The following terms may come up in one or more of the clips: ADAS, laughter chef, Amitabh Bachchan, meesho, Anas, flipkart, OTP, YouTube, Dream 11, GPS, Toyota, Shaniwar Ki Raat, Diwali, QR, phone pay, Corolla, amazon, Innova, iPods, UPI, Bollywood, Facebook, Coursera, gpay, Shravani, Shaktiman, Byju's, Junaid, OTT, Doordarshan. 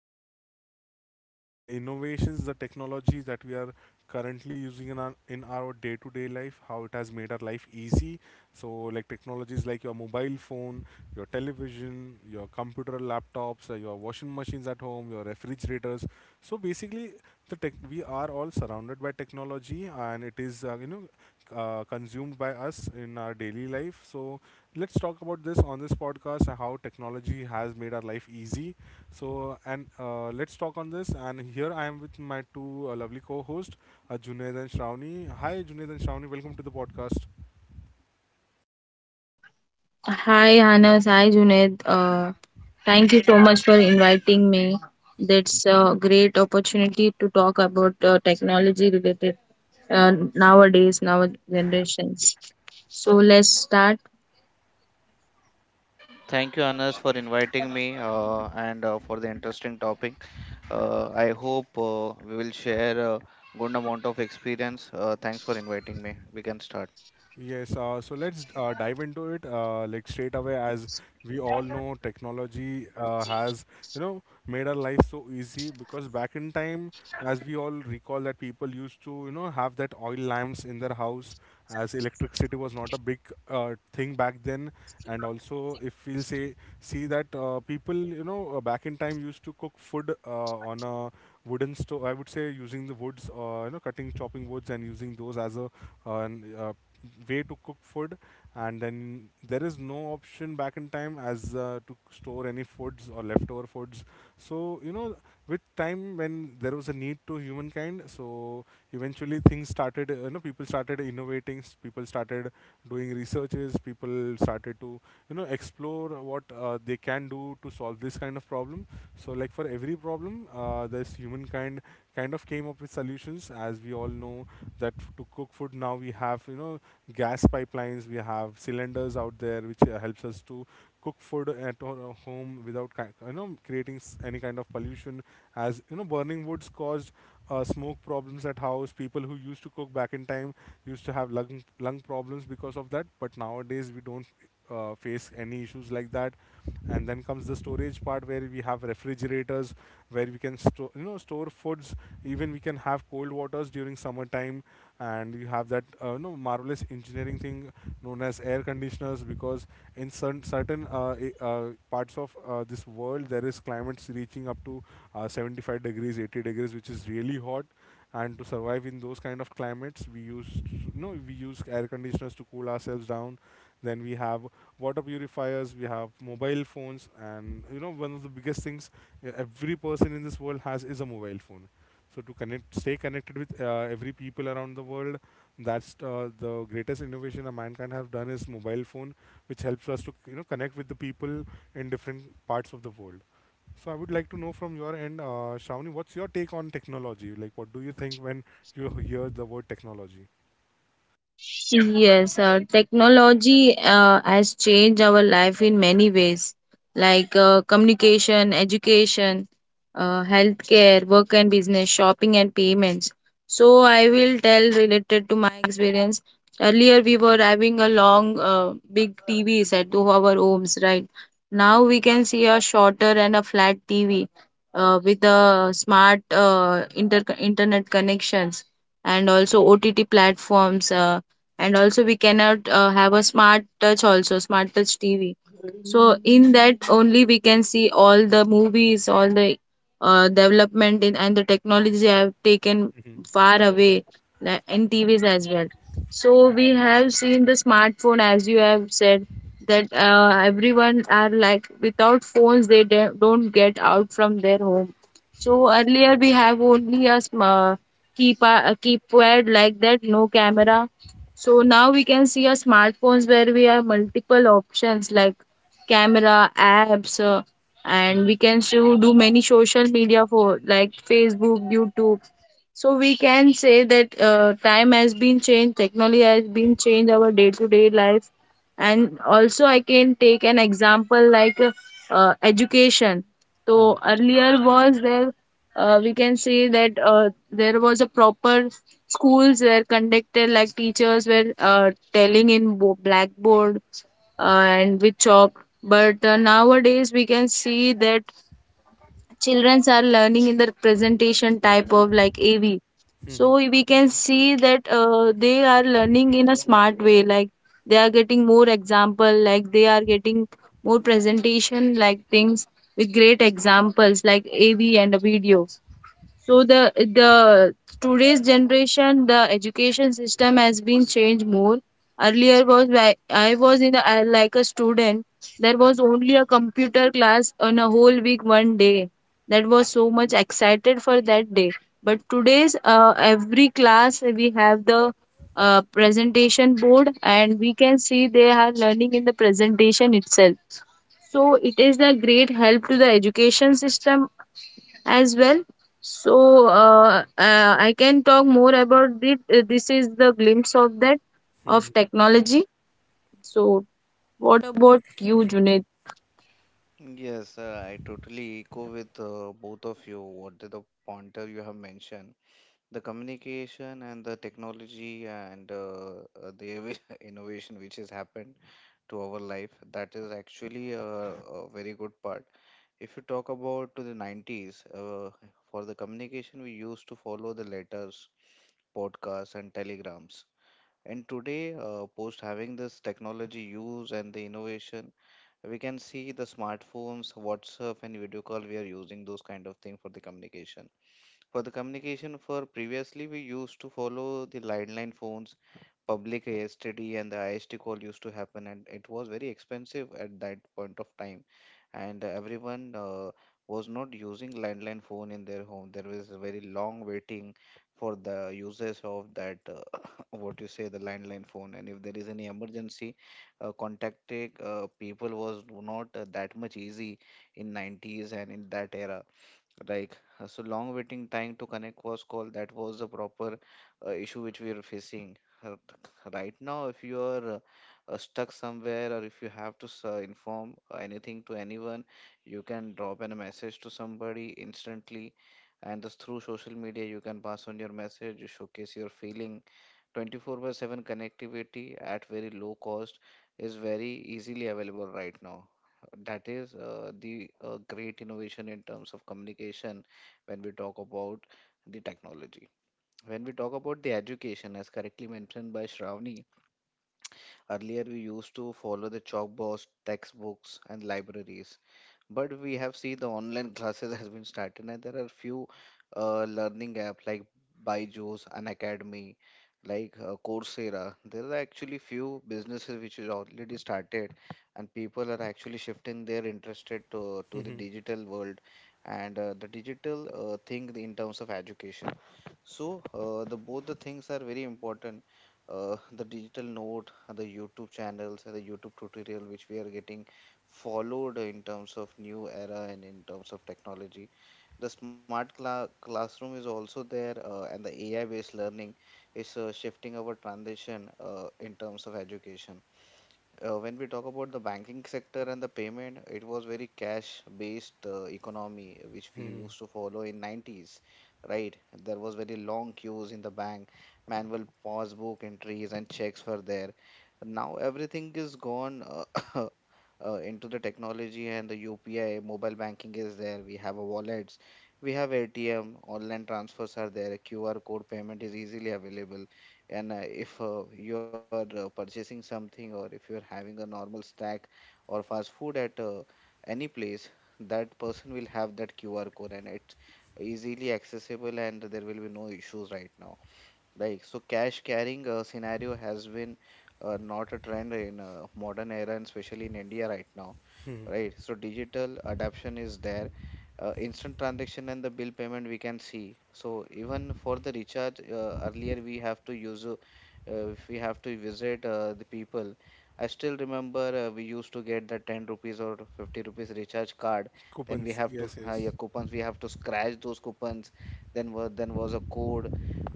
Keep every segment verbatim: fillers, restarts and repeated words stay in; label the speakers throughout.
Speaker 1: eased our life, like, uh, the innovations, the technologies that we are currently using in our in our day-to-day life, how it has made our life easy. So, like technologies like your mobile phone, your television, your computer, laptops, uh, your washing machines at home, your refrigerators. So, basically, the tech we are all surrounded by technology, and it is uh, you know uh, consumed by us in our daily life. So let's talk about this on this podcast, uh, how technology has made our life easy. So and uh, let's talk on this. And here I am with my two uh, lovely co-hosts, uh, Junaid and Shravani. Hi, Junaid and Shravani. Welcome to the podcast.
Speaker 2: Hi Anas, hi Junaid. Uh, thank you so much for inviting me. That's a great opportunity to talk about uh, technology related, uh, nowadays, now generations. So let's start.
Speaker 3: Thank you, Anas, for inviting me uh, and uh, for the interesting topic. Uh, I hope uh, we will share a good amount of experience. Uh, thanks for inviting me. We can start.
Speaker 1: Yes, uh, so let's uh, dive into it, uh, like, straight away. As we all know, technology uh, has, you know made our life so easy because back in time, as we all recall, that people used to, you know have that oil lamps in their house, as electricity was not a big uh, thing back then. And also, if we'll say see that, uh, people, you know uh, back in time, used to cook food uh, on a wooden stove. I would say using the woods, uh, you know, cutting chopping woods and using those as a uh, an, uh, way to cook food. And then there is no option back in time, as uh, to store any foods or leftover foods, so, you know with time when there was a need to humankind, so eventually things started, you know people started innovating s- people started doing researches, people started to, you know explore what uh, they can do to solve this kind of problem. So, like, for every problem, uh, there's humankind, kind kind of, came up with solutions, as we all know, that to cook food now we have, you know gas pipelines, we have cylinders out there, which uh, helps us to cook food at our uh, home without ki- you know creating s- any kind of pollution, as you know, burning woods caused uh, smoke problems at house. People who used to cook back in time used to have lung lung problems because of that, but nowadays we don't uh, face any issues like that. And then comes the storage part, where we have refrigerators, where we can store you know store foods, even we can have cold waters during summertime. And you have that, uh, you know marvelous engineering thing known as air conditioners, because in certain certain uh, i- uh, parts of uh, this world there is climates reaching up to uh, seventy-five degrees eighty degrees, which is really hot. And to survive in those kind of climates, we use you know we use air conditioners to cool ourselves down. Then we have water purifiers, we have mobile phones, and, you know one of the biggest things uh, every person in this world has is a mobile phone. So to connect stay connected with uh, every people around the world, that's uh, the greatest innovation that mankind have done is mobile phone, which helps us to, you know connect with the people in different parts of the world. So I would like to know from your end, uh, Shravani, what's your take on technology? Like, what do you think when you hear the word technology?
Speaker 2: Yes, uh, technology uh, has changed our life in many ways, like uh, communication, education, healthcare, work and business, shopping and payments. So I will tell related to my experience. Earlier, we were having a long, uh, big T V set to our homes, right? Now we can see a shorter and a flat T V, uh, with a smart uh, inter internet connections, and also O T T platforms. Uh, and also, we cannot uh, have a smart touch, also smart touch T V. So in that only we can see all the movies, all the uh, development in and the technology have taken
Speaker 1: Mhm.
Speaker 2: far away, like in T Vs as well. So we have seen the smartphone, as you have said, that uh, everyone are like without phones they de- don't get out from their home. So earlier we have only a sm- uh, keep a keypad like that, no camera. So now we can see a smartphones where we have multiple options like camera, apps, uh, and we can so do many social media for like Facebook, YouTube. So we can say that uh, time has been changed, technology has been changed our day to day life, and also I can take an example like uh, uh, education.
Speaker 1: Mhm.
Speaker 2: So earlier was there, uh, we can say that uh, there was a proper schools were conducted, like teachers were uh, telling in bo- blackboard, uh, and with chalk. But uh, nowadays we can see that childrens are learning in the presentation type of like A V.
Speaker 1: Mhm.
Speaker 2: So we can see that uh, they are learning in a smart way. Like, they are getting more example. Like, they are getting more presentation like things with great examples like A V and a video. So the the today's generation, the education system has been changed more. Earlier was like I was in a, like a student. There was only a computer class on a whole week, one day. That was so much excited for that day. But today's, uh, every class we have the uh, presentation board, and we can see they are learning in the presentation itself. So it is a great help to the education system as well. So, uh, uh, I can talk more about it. Uh, This is the glimpse of that,
Speaker 1: Mhm.
Speaker 2: of technology. So what about you, Junaid?
Speaker 3: Yes, uh, I totally echo with uh, both of you what the, the pointer you have mentioned. The communication and the technology and uh, uh, the inv- innovation which has happened to our life, that is actually a, a very good part. If you talk about to the nineties, uh, for the communication, we used to follow the letters, podcasts, and telegrams. And today, uh, post having this technology use and the innovation, we can see the smartphones, WhatsApp, and video call. We are using those kind of thing for the communication. For the communication, for previously we used to follow the landline phones, public A S T D and the I S T call used to happen, and it was very expensive at that point of time. And everyone uh, was not using landline phone in their home. There was a very long waiting for the users of that, uh, what you say, the landline phone. And if there is any emergency, uh, contacting uh, people was not uh, that much easy in nineties and in that era. Like, uh, so long waiting time to connect was called. That was the proper uh, issue which we are facing. Uh, Right now, if you are uh, uh, stuck somewhere or if you have to s- uh, inform anything to anyone, you can drop in a message to somebody instantly. And this through social media, you can pass on your message, you showcase your feeling, twenty-four by seven connectivity at very low cost is very easily available right now. That is uh, the uh, great innovation in terms of communication when we talk about the technology. When we talk about the education, as correctly mentioned by Shravani, earlier we used to follow the chalkboards, textbooks, and libraries, but we have seen the online classes has been started and there are few uh, learning app like Byju's and Academy, like uh, Coursera. There are actually few businesses which is already started, and people are actually shifting their interested to, to the
Speaker 1: Mhm.
Speaker 3: digital world and uh, the digital uh, thing in terms of education. So uh, the both the things are very important: uh, the digital note, the YouTube channels and the YouTube tutorial which we are getting followed in terms of new era and in terms of technology. The smart cla- classroom is also there, uh, and the A I based learning is uh, shifting our transition uh, in terms of education. Uh, when we talk about the banking sector and the payment, it was very cash-based uh, economy uh, which we
Speaker 1: Mhm.
Speaker 3: used to follow in nineties, right? There was very long queues in the bank, manual passbook entries and checks were there. Now everything is gone uh, uh, into the technology, and the U P I, mobile banking is there. We have a wallets, we have A T M, online transfers are there, Q R code payment is easily available, and uh, if uh, you are uh, purchasing something or if you are having a normal snack or fast food at uh, any place, that person will have that qr code and it's easily accessible, and there will be no issues right now. Like, so cash carrying uh, scenario has been uh, not a trend in uh, modern era and especially in India right now,
Speaker 1: Mhm.
Speaker 3: right? So digital adoption is there. Uh, instant transaction and the bill payment we can see. So even for the recharge, uh, earlier we have to use, uh, uh, if we have to visit uh, the people. I still remember uh, we used to get the ten rupees or fifty rupees recharge card. Then
Speaker 1: Coupons,
Speaker 3: we have to,
Speaker 1: yes,
Speaker 3: uh,
Speaker 1: yes.
Speaker 3: yeah, coupons, we have to scratch those coupons. Then, wa- then was a code.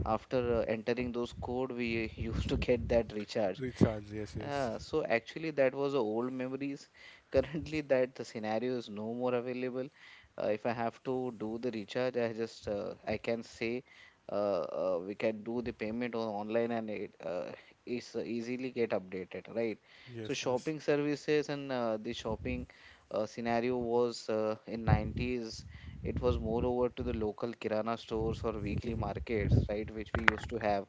Speaker 3: After uh, entering those code, we used to get that recharge.
Speaker 1: Recharge, yes, yes.
Speaker 3: Yeah, so actually that was a old memories. Currently that the scenario is no more available. Uh, if I have to do the recharge, I just uh, I can say uh, uh, we can do the payment on online and it uh, is easily get updated, right? So
Speaker 1: Yes, yes.
Speaker 3: shopping services and uh, the shopping uh, scenario was uh, in nineties. It was more over to the local kirana stores or weekly
Speaker 1: Mhm,
Speaker 3: markets, right, which we used to have.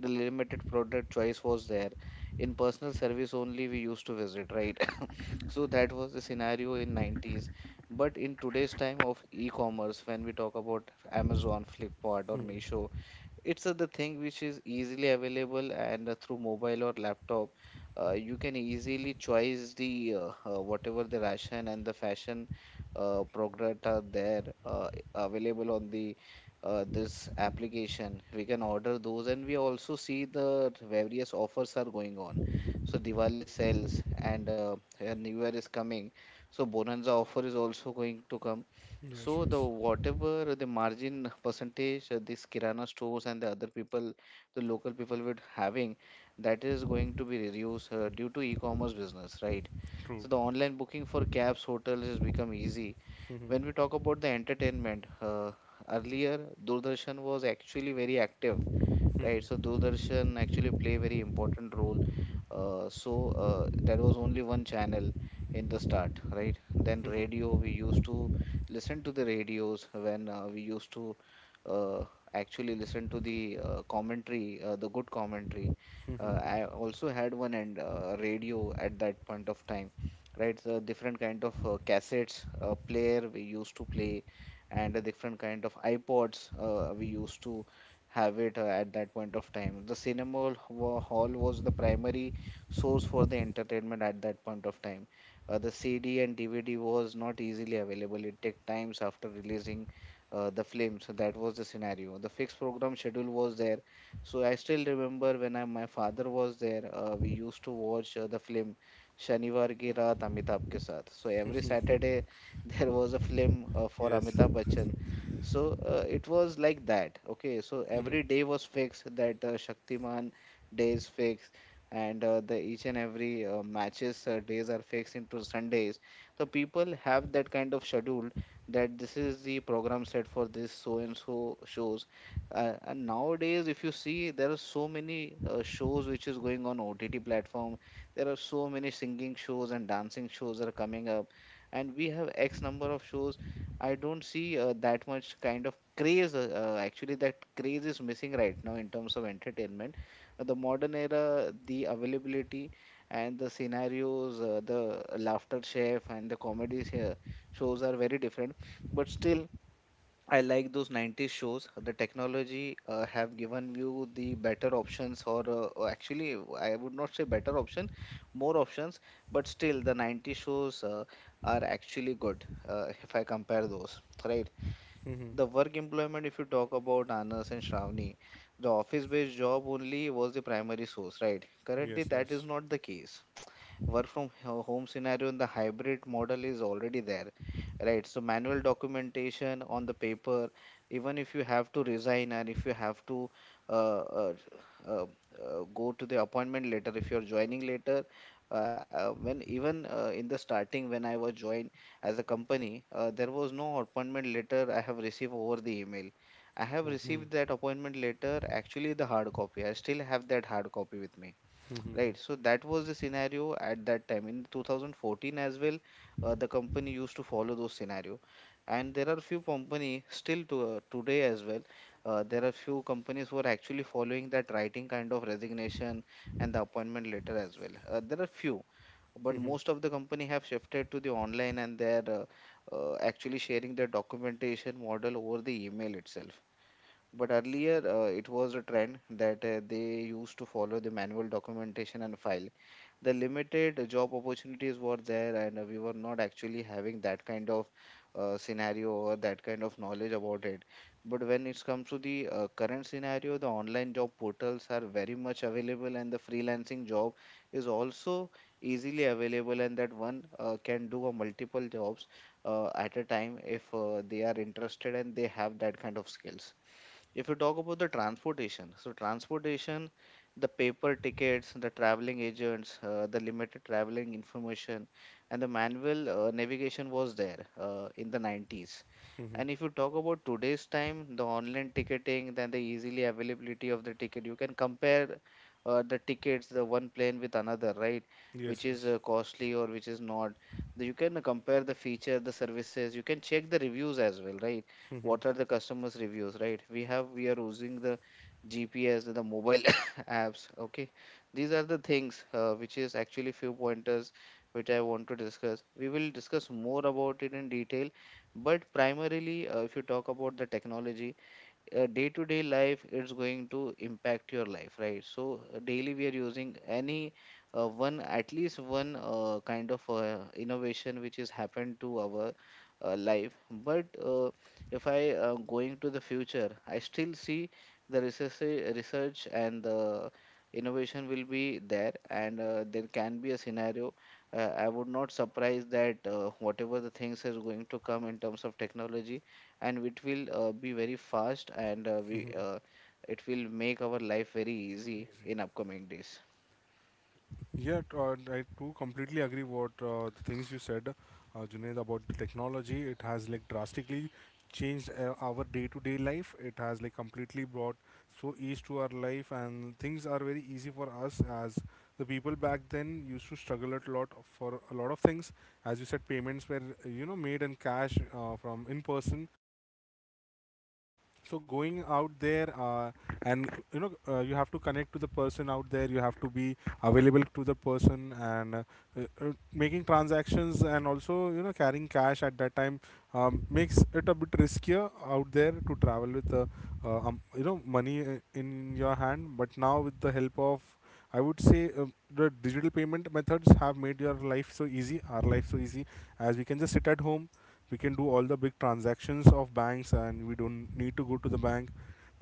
Speaker 3: The limited product choice was there. In personal service only we used to visit, right. So that was the scenario in nineties, but in today's time of e-commerce, when we talk about Amazon, Flipkart or
Speaker 1: mhm.
Speaker 3: Meesho, it's uh, the thing which is easily available, and uh, through mobile or laptop, uh, you can easily choice the uh, uh, whatever the ration and the fashion uh, product are there, uh, available on the uh, this application. We can order those, and we also see the various offers are going on. So Diwali sales and uh, uh, New Year is coming, so Bonanza offer is also going to come.
Speaker 1: Yes,
Speaker 3: So the
Speaker 1: yes.
Speaker 3: whatever the margin percentage uh, these kirana stores and the other people, the local people would having, that is going to be reduced uh, due to e-commerce business, right?
Speaker 1: True.
Speaker 3: So the online booking for cabs, hotels has become easy.
Speaker 1: Mhm,
Speaker 3: When we talk about the entertainment, uh, earlier Doordarshan was actually very active, right? So
Speaker 1: mhm,
Speaker 3: Doordarshan actually play very important role. Uh, so uh, that was only one channel in the start, right? Then radio, we
Speaker 1: mhm,
Speaker 3: used to listen to the radios when uh, we used to uh, actually listen to the uh, commentary, uh, the good commentary. Uh,
Speaker 1: mhm,
Speaker 3: I also had one and uh, radio at that point of time, right? So different kind of uh, cassettes uh, player we used to play, and a different kind of iPods uh, we used to have it uh, at that point of time. The cinema hall wa- hall was the primary source for the entertainment at that point of time. Uh, the C D and D V D was not easily available. It took times after releasing uh, the film. So that was the scenario. The fixed program schedule was there. So I still remember when I, my father was there, uh, we used to watch uh, the film Shaniwar Ki Raat Amitabh ke saath. So every
Speaker 1: mhm.
Speaker 3: Saturday there was a film uh, for
Speaker 1: Yes.
Speaker 3: Amitabh Bachchan, so uh, it was like that. Okay, so every
Speaker 1: Mhm,
Speaker 3: day was fixed. That uh, Shaktiman days fixed, and uh, the each and every uh, matches uh, days are fixed into Sundays. So people have that kind of schedule that this is the program set for this so and so shows. Uh, and nowadays, if you see, there are so many uh, shows which is going on O T T platform. There are so many singing shows and dancing shows are coming up, and we have X number of shows. I don't see uh, that much kind of craze. Uh, uh, actually, that craze is missing right now in terms of entertainment. Uh, the modern era, the availability and the scenarios, uh, the laughter chef and the comedy sh- shows are very different. But still, I like those nineties shows. The technology uh, have given you the better options, or uh, or actually, I would not say better option, more options. But still, the nineties shows uh, are actually good uh, if I compare those, right?
Speaker 1: mhm.
Speaker 3: The work employment, if you talk about Anas and Shravani, the office-based job only was the primary source, right? Currently,
Speaker 1: Yes,
Speaker 3: that is
Speaker 1: yes.
Speaker 3: not the case. Work from ho- home scenario and the hybrid model is already there, right? So manual documentation on the paper, even if you have to resign and if you have to uh, uh, uh, uh, go to the appointment later, if you're joining later, uh, uh, when even uh, in the starting when I was joined as a company, uh, there was no appointment letter I have received over the email. I have
Speaker 1: True.
Speaker 3: received
Speaker 1: Mhm,
Speaker 3: that appointment letter, actually the hard copy. I still have that hard copy with me.
Speaker 1: mhm,
Speaker 3: Right. So that was the scenario at that time. In two thousand fourteen as well, uh, the company used to follow those scenario. And there are few company still to, uh, today as well. Uh, there are few companies who are actually following that writing kind of resignation and the appointment letter as well. Uh, there are few, but
Speaker 1: mhm,
Speaker 3: most of the company have shifted to the online, and they're uh, uh, actually sharing their documentation model over the email itself. But earlier, uh, it was a trend that uh, they used to follow the manual documentation and file. The limited job opportunities were there, and uh, we were not actually having that kind of uh, scenario or that kind of knowledge about it. But when it comes to the uh, current scenario, the online job portals are very much available, and the freelancing job is also easily available, and that one uh, can do a multiple jobs uh, at a time if uh, they are interested and they have that kind of skills. If you talk about the transportation, so transportation, the paper tickets, the traveling agents, uh, the limited traveling information, and the manual uh, navigation was there uh, in the nineties.
Speaker 1: mhm.
Speaker 3: And if you talk about today's time, the online ticketing, then the easily availability of the ticket, you can compare uh, the tickets, the one plane with another, right? Which
Speaker 1: Yes,
Speaker 3: is uh,
Speaker 1: yes.
Speaker 3: costly or which is not. The- You can compare the feature, the services. You can check the reviews as well, right?
Speaker 1: Mhm,
Speaker 3: What are the customers' reviews, right? We have we are using the G P S, the mobile apps. Okay, these are the things uh, which is actually few pointers which I want to discuss. We will discuss more about it in detail, but primarily, uh, if you talk about the technology, uh, day-to-day life it's going to impact your life, right? So uh, daily we are using any uh, one, at least one uh, kind of uh, innovation which has happened to our uh, life. But uh, if i uh, going to the future, I still see the research research and the innovation will be there, and uh, there can be a scenario, uh, I would not surprise that uh, whatever the things is going to come in terms of technology, and it will uh, be very fast, and uh, we
Speaker 1: mhm.
Speaker 3: uh, it will make our life very easy
Speaker 1: Easy.
Speaker 3: in upcoming days.
Speaker 1: Yeah, t- uh, I too completely agree what, uh, the things you said, uh, Junaid, about the technology. It has, like, drastically changed uh, our day-to-day life. It has, like, completely brought so ease to our life, and things are very easy for us, as the people back then used to struggle a lot for a lot of things. As you said, payments were, uh, you know made in cash, uh, from in person, so going out there, uh, and, you know uh, you have to connect to the person out there, you have to be available to the person, and uh, uh, uh, making transactions, and also, you know carrying cash at that time um, makes it a bit riskier out there to travel with, uh, uh, um, you know money uh, in your hand. But now with the help of, I would say, uh, the digital payment methods have made your life so easy, our life so easy, as we can just sit at home, we can do all the big transactions of banks and we don't need to go to the bank.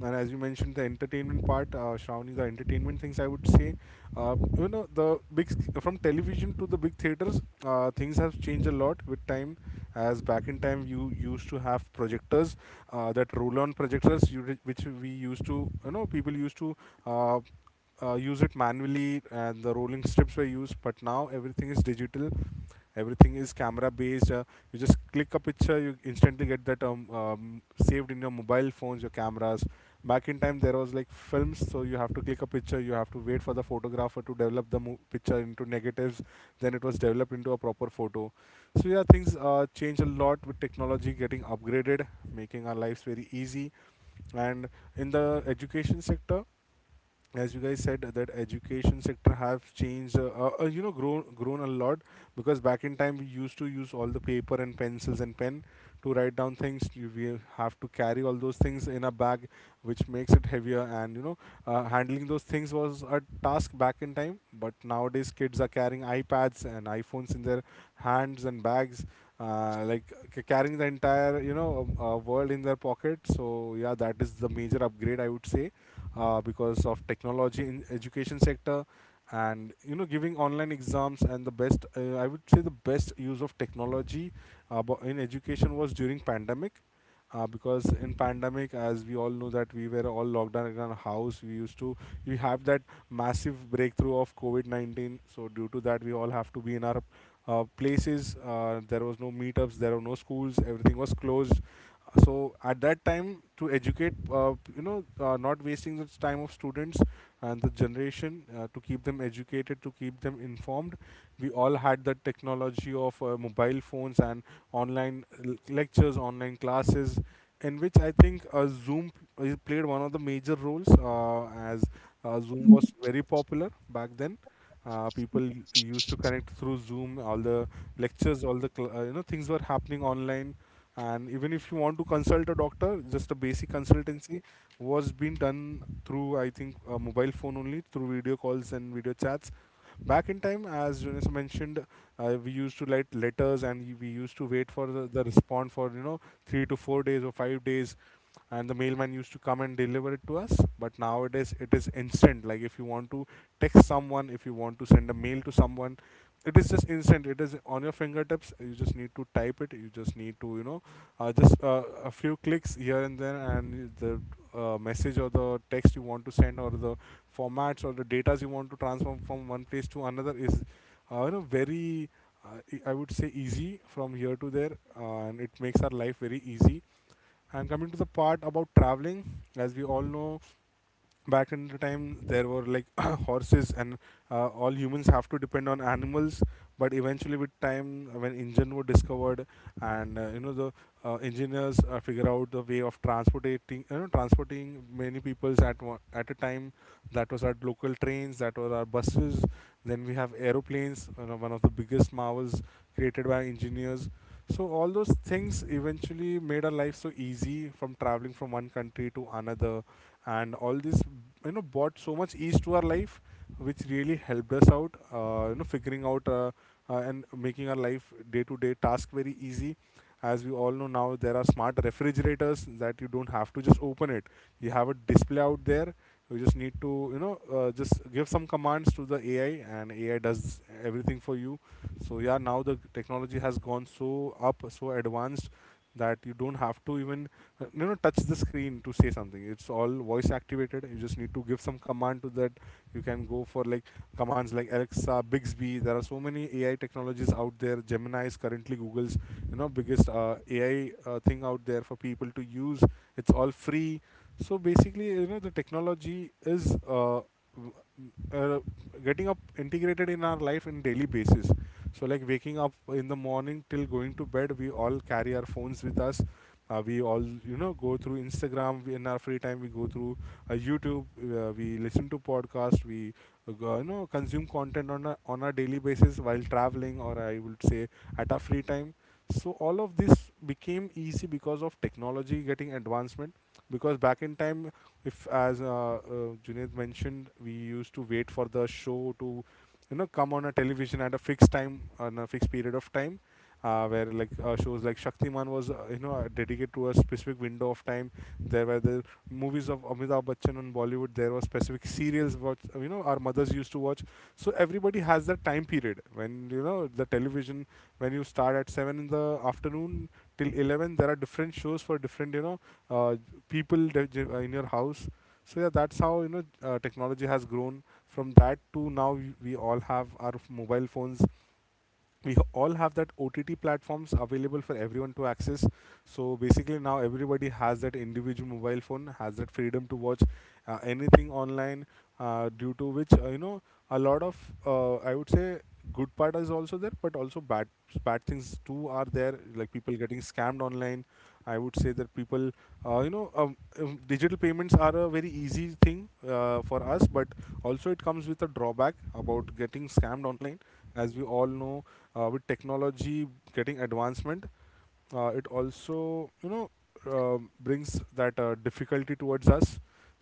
Speaker 1: And as you mentioned the entertainment part, uh, Shravani, the entertainment things, I would say, uh, you know the big sc- from television to the big theaters, uh, things have changed a lot with time. As back in time you used to have projectors, uh, that roll on projectors, you, which we used to, you know people used to uh, uh, use it manually, and the rolling strips were used. But now everything is digital, everything is camera based, uh, you just click a picture, you instantly get that, um, um, saved in your mobile phones, your cameras. Back in time there was like films, so you have to click a picture, you have to wait for the photographer to develop the mo- picture into negatives, then it was developed into a proper photo. So yeah, things uh, change a lot with technology getting upgraded, making our lives very easy. And in the education sector, as you guys said, that education sector have changed, uh, uh, uh, you know grown grown a lot, because back in time we used to use all the paper and pencils and pen to write down things. You- we have to carry all those things in a bag, which makes it heavier, and, you know uh, handling those things was a task back in time. But nowadays kids are carrying iPads and iPhones in their hands and bags, uh, like, c- carrying the entire, you know um, uh, world in their pocket. So yeah, that is the major upgrade, I would say, uh, because of technology in education sector. And, you know giving online exams, and the best, uh, I would say, the best use of technology, uh, bo- in education, was during pandemic, uh, because in pandemic, as we all know, that we were all locked down in our house, we used to we have that massive breakthrough of COVID nineteen. So due to that we all have to be in our uh, places, uh, there was no meetups, there were no schools, everything was closed. So at that time, to educate, uh, you know uh, not wasting the time of students and the generation, uh, to keep them educated, to keep them informed, we all had the technology of uh, mobile phones and online l- lectures, online classes, in which I think uh, Zoom p- uh, played one of the major roles, uh, as uh, Zoom was very popular back then. Uh, people used to connect through Zoom, all the lectures, all the cl- uh, you know things were happening online. And even if you want to consult a doctor, just a basic consultancy, was being done through, I think, a mobile phone only, through video calls and video chats. Back in time, as Jonas mentioned, uh, we used to write letters, and we used to wait for the, the response for, you know three to four days or five days. And the mailman used to come and deliver it to us, but nowadays it is instant. Like, if you want to text someone, if you want to send a mail to someone, it is just instant, it is on your fingertips, you just need to type it, you just need to, you know uh, just uh, a few clicks here and there, and the uh, message or the text you want to send, or the formats or the data you want to transform from one place to another, is, uh, you know very, uh, e- I would say, easy from here to there, uh, and it makes our life very easy. And coming to the part about traveling, as we all know, back in the time there were like horses, and uh, all humans have to depend on animals. But eventually with time, uh, when engine were discovered, and, uh, you know the uh, engineers uh, figure out the way of transporting, you know transporting many peoples, at one, at a time. That was our local trains, that was our buses, then we have aeroplanes, you know, one of the biggest marvels created by engineers. So all those things eventually made our Life so easy, from traveling from one country to another and all this, you know brought so much ease to our life, which really helped us out uh, you know figuring out uh, uh, and making our life day to day task very easy. As we all know, now there are smart refrigerators that you don't have to just open it, you have a display out there. You just need to you know uh, just give some commands to the ai and ai does everything for you. So yeah, now the technology has gone so up, so advanced, that you don't have to even uh, you know touch the screen to say something. It's all voice activated, you just need to give some command to that. You can go for like commands like alexa, bixby, there are so many ai technologies out there. Gemini is currently google's you know biggest uh, ai uh, thing out there for people to use, it's all free. So basically, you know, the technology is uh, w- uh, getting up integrated in our life in daily basis. So like waking up in the morning till going to bed, we all carry our phones with us. Uh, we all you know go through Instagram in our free time. We go through uh, YouTube. Uh, we listen to podcast. We uh, go- you know consume content on a on a daily basis while traveling, or I would say at our free time. So all of this became easy because of technology getting advancement, because back in time, if as uh, uh, Junaid mentioned, we used to wait for the show to you know come on a television at a fixed time, on a fixed period of time, uh, where like uh, shows like Shaktiman was uh, you know uh, dedicated to a specific window of time. There were the movies of Amitabh Bachchan on Bollywood. There were specific serials what you know our mothers used to watch. So everybody has that time period when you know the television, when you start at seven in the afternoon till eleven, there are different shows for different you know uh, people that you- uh, in your house. So yeah, that's how you know uh, technology has grown from that to now. we, we all have our mobile phones, we all have that O T T platforms available for everyone to access. So basically, now everybody has that individual mobile phone, has that freedom to watch uh, anything online. Uh, due to which, uh, you know, a lot of uh, I would say good part is also there, but also bad bad things too are there. Like people getting scammed online. I would say that people uh, you know, um, um, digital payments are a very easy thing uh, for us, but also it comes with a drawback about getting scammed online. As we all know, uh, with technology getting advancement, uh, it
Speaker 2: Yes.
Speaker 1: also you know um brings that uh, difficulty towards us.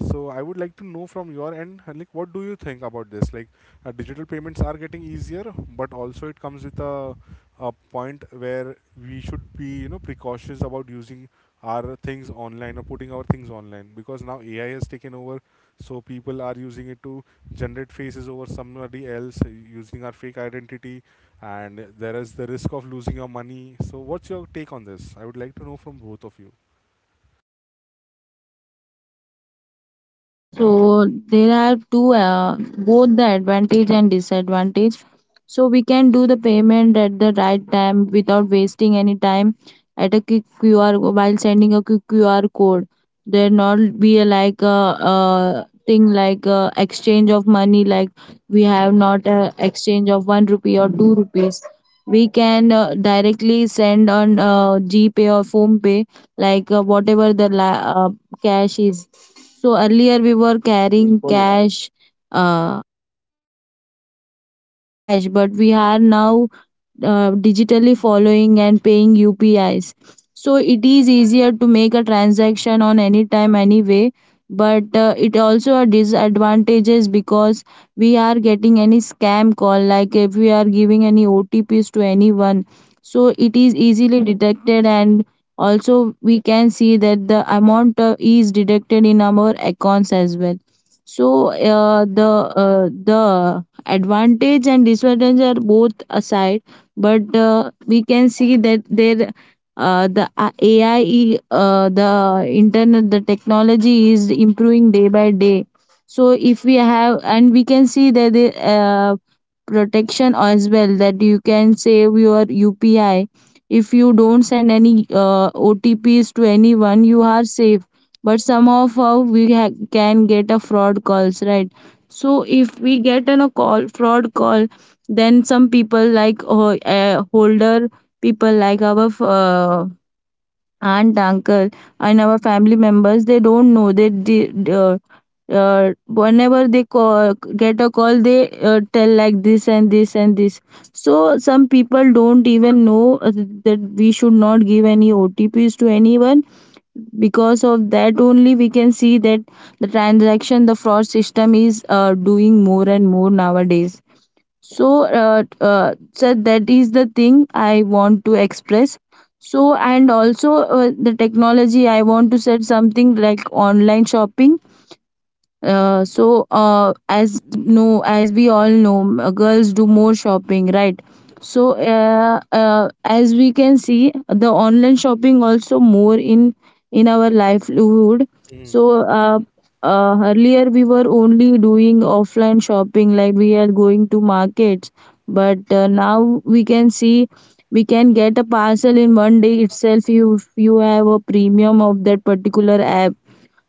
Speaker 1: So I would like to know from your end, uh, like what do you think about this? Like uh, digital payments are getting easier, but also it comes with a, a point where we should be you know precautious about using our things online or putting our things online, because now ai has taken over, so people are using it to generate faces over somebody else, uh, using our fake identity, and there is the risk of losing your money. So, what's your take on this? I would like to know from both of you.
Speaker 2: So there are two, uh, both the advantage and disadvantage. So we can do the payment at the right time without wasting any time, at a quick qr co- while sending a quick qr code. There not be a, like a, uh thing like uh exchange of money. Like, we have not a exchange of one rupee or two rupees. We can uh, directly send on uh, gpay or phone pay, like, uh, whatever the la- uh, cash is. So earlier we were carrying cash, uh, cash, but we are now uh, digitally following and paying U P Is. So it is easier to make a transaction on any time anyway, but uh, it also a disadvantages, because we are getting any scam call, like if we are giving any O T Ps to anyone. So it is easily detected, and also we can see that the amount uh, is deducted in our accounts as well. So, uh, the uh, the advantage and disadvantage are both aside, but uh, we can see that there, uh, the uh, AI, uh, the internet, the technology is improving day by day. So if we have, and we can see that the uh, protection as well, that you can save your UPI if you don't send any uh, OTPs to anyone, you are safe. But somehow how we ha- can get a fraud calls, right? So if we get on a call, fraud call, then some people like, uh, uh, older people like our uh, aunt, uncle, and our family members, they don't know. They, they uh, uh, whenever they call, get a call, they uh, tell like this and this and this. So some people don't even know uh, that we should not give any OTPs to anyone. Because of that only we can see that the transaction, the fraud system is uh, doing more and more nowadays. So uh, uh, so that is the thing I want to express. So, and also, uh, the technology, I want to set something like online shopping. uh, so uh, as no as we all know, uh, girls do more shopping, right? So, uh, uh, as we can see, the online shopping also more in in our livelihood.
Speaker 1: Mm,
Speaker 2: So, uh, uh, earlier we were only doing offline shopping, like we are going to markets. But uh, now we can see, we can get a parcel in one day itself if you have a premium of that particular app.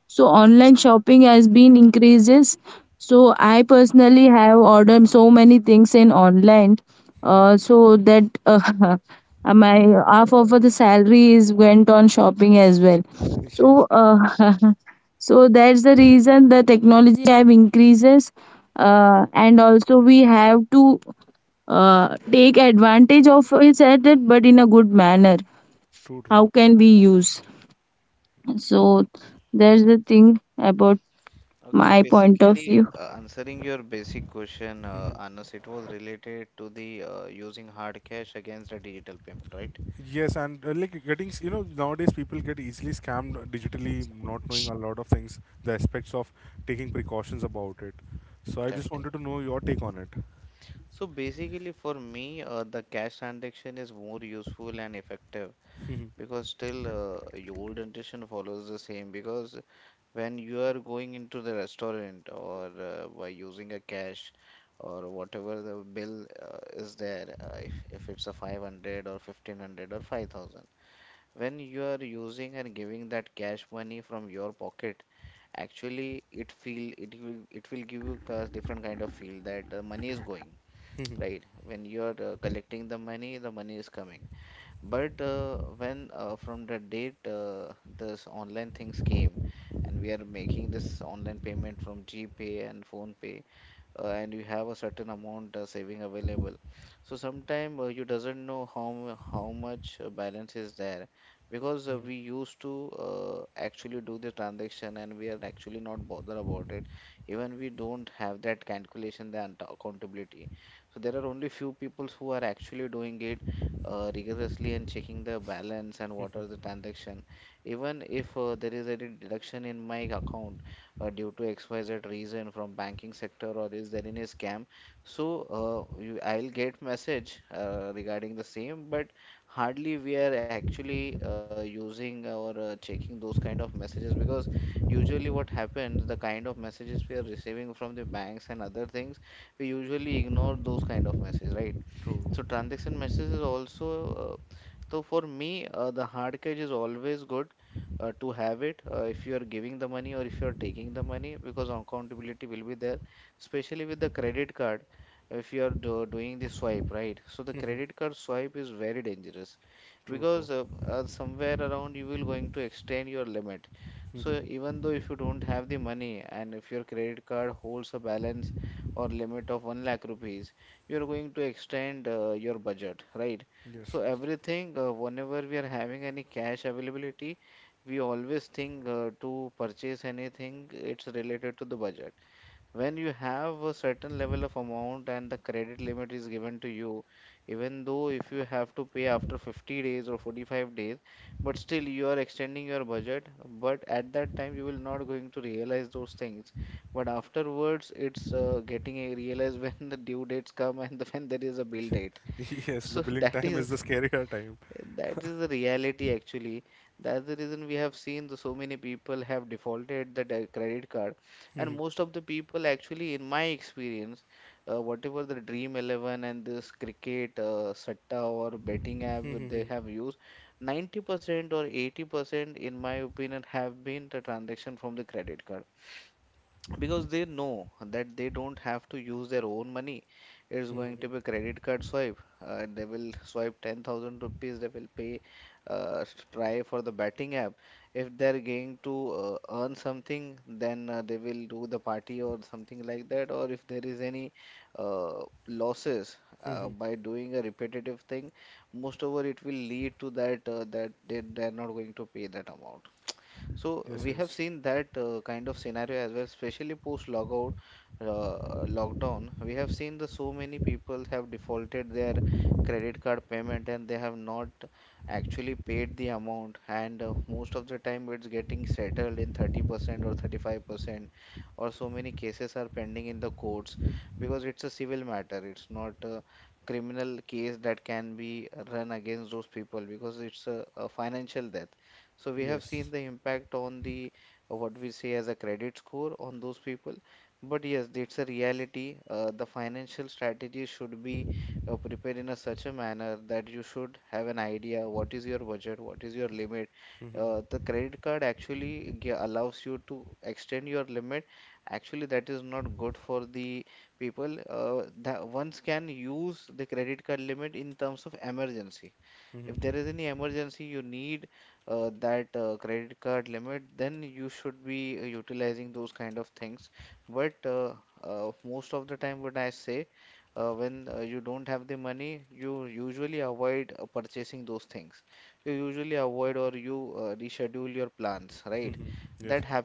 Speaker 2: So online shopping has been increases. So I personally have ordered so many things in online.
Speaker 1: mm.
Speaker 2: Uh, so that, uh, my half of the salary is went on shopping as well. so
Speaker 1: Yes,
Speaker 2: uh, so that's the reason the technology have increases. Uh, and also, we have to uh, take advantage of it at it, but in a good manner.
Speaker 1: true,
Speaker 2: How
Speaker 1: true.
Speaker 2: can we use? So there's the thing about my point of view.
Speaker 1: Yes, and uh, like getting, s- you know, nowadays people get easily scammed digitally, not knowing a lot of things, the aspects of taking precautions about it. So, I just wanted to know your take on it. Mhm, mhm, mhm, mhm, true. Mhm, true, true. Mhm. Yes, yes. Yes, the billing time is the scarier time. Mhm, mhm, mhm, mhm. Mhm. Yes, yes. Yes. Mhm. Mhm. Mhm. Yes. Sir.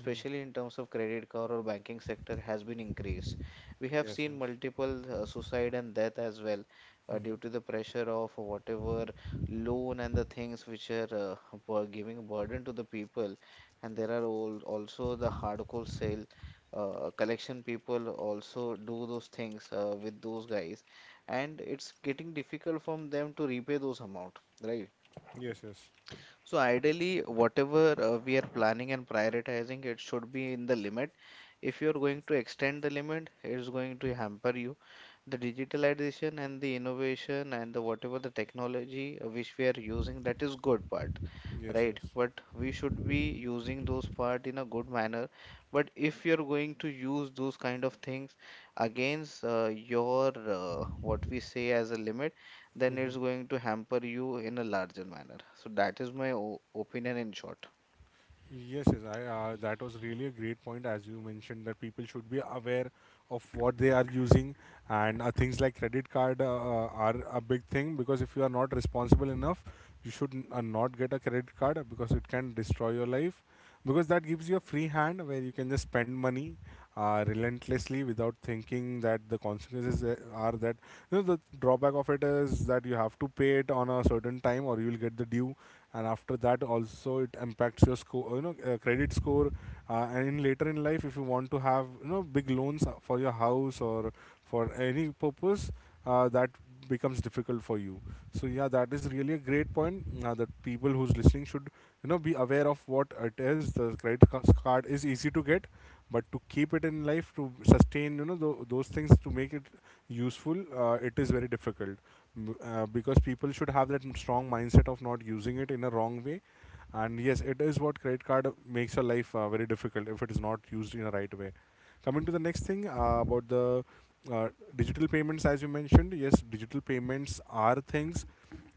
Speaker 1: Mhm. Yes, yes. Mhm. Yes, yes. Yes, yes. Yes, yes, I, uh, that was really a great point as you mentioned that people should be aware of what they are using, and uh, things like credit card uh, uh, are a big thing, because if you are not responsible enough, you should n- uh, not get a credit card, uh, because it can destroy your life, because that gives you a free hand where you can just spend money uh, relentlessly without thinking that the consequences uh, are that, you know the drawback of it is that you have to pay it on a certain time or you will get the due, and after that also it impacts your score, you know uh, credit score, uh, and in later in life if you want to have you know big loans for your house or for any purpose, uh, that becomes difficult for you. So yeah, that is really a great point uh, that people who's listening should you know be aware of what it is. The credit ca- card is easy to get, but to keep it in life, to sustain you know tho- those things, to make it useful, uh, it is very difficult, b- uh, because people should have that strong mindset of not using it in a wrong way. And yes, it is what credit card makes your life uh, very difficult if it is not used in a right way. Coming to the next thing uh, about the uh, digital payments, as you mentioned, yes, digital payments are things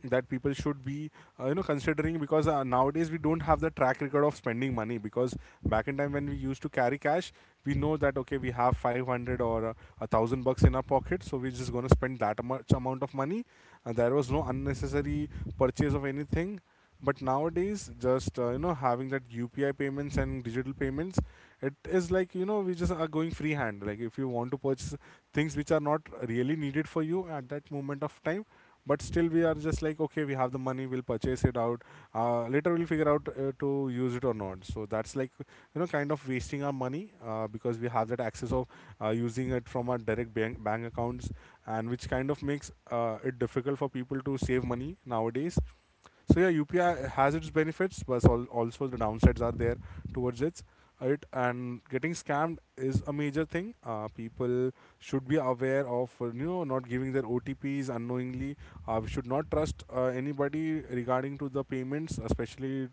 Speaker 1: that people should be uh, you know considering, because uh, nowadays we don't have the track record of spending money, because back in time when we used to carry cash, we know that okay, we have five hundred or uh, a thousand bucks in our pocket, so we're just going to spend that much amount of money, and there was no unnecessary purchase of anything. But nowadays just uh, you know having that upi payments and digital payments, it is like you know we just are going freehand, like if you want to purchase things which are not really needed for you at that moment of time, but still we are just like okay, we have the money, we'll purchase it out, uh, later we'll figure out uh, to use it or not. So that's like you know kind of wasting our money, uh, because we have that access of uh, using it from our direct bank, bank accounts, and which kind of makes uh, it difficult for people to save money nowadays. So yeah, U P I has its benefits, but al- also the downsides are there towards it. It, and getting scammed is a major thing. Uh, people should be aware of uh, you know not giving their O T Ps unknowingly. Uh, we should not trust uh, anybody regarding to the payments, especially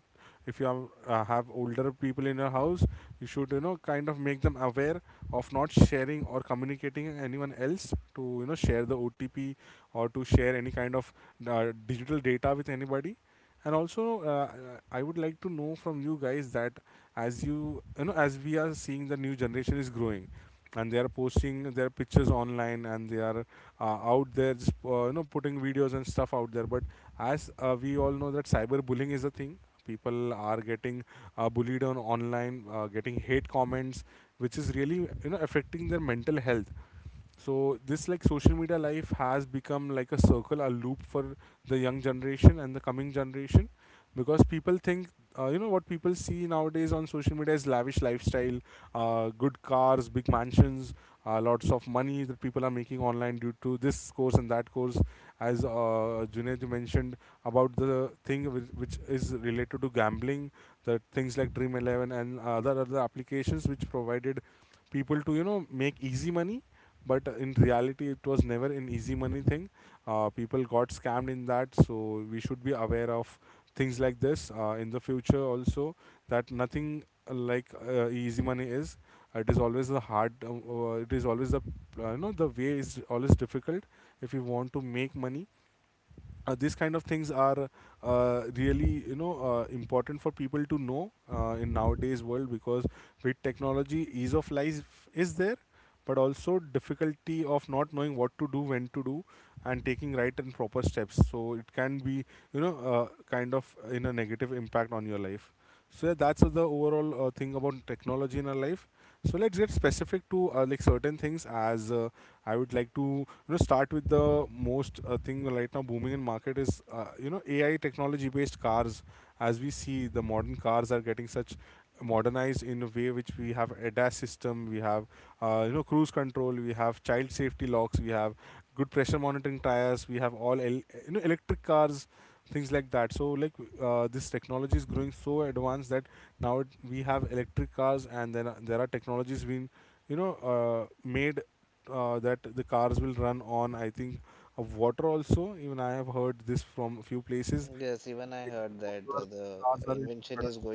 Speaker 1: if you have, uh, have older people in your house. You should you know kind of make them aware of not sharing or communicating anyone else to you know share the O T P or to share any kind of uh, digital data with anybody. And also uh, I would like to know from you guys that as you you know as we are seeing, the new generation is growing, and they are posting their pictures online, and they are uh, out there just uh, you know putting videos and stuff out there, but as uh, we all know that cyberbullying is a thing. People are getting uh, bullied on online, uh, getting hate comments, which is really you know affecting their mental health. So this like social media life has become like a circle, a loop for the young generation and the coming generation, because people think, uh, you know what people see nowadays on social media is lavish lifestyle, uh, good cars, big mansions, uh, lots of money that people are making online due to this course and that course. As uh, Junaid you mentioned about the thing whi- which is related to gambling, the things like dream eleven and other other applications which provided people to you know make easy money, but in reality it was never an easy money thing. Uh, people got scammed in that, so we should be aware of things like this uh, in the future also, that nothing uh, like uh, easy money is, it is always the hard uh, uh, it is always the uh, you know the way is always difficult if you want to make money. Uh, these kind of things are uh, really you know uh, important for people to know uh, in nowadays world, because with technology, ease of life is there, but also difficulty of not knowing what to do, when to do, and taking right and proper steps, so it can be you know uh, kind of in a negative impact on your life. So yeah, that's the overall uh, thing about technology in our life. So let's get specific to uh, like certain things as uh, I would like to you know start with the most uh, thing right now booming in market is uh, you know A I technology based cars. As we see, the modern cars are getting such modernized in a way which we have ADAS system, we have uh, you know cruise control, we have child safety locks, we have good pressure monitoring tires, we have all el- you know electric cars, things like that. So like uh, this technology is growing so advanced that now it, we have electric cars, and then uh, there are technologies being you know uh, made uh, that the cars will run on, I think, uh, water also. Even I have heard this from a few places. It's cars are in production.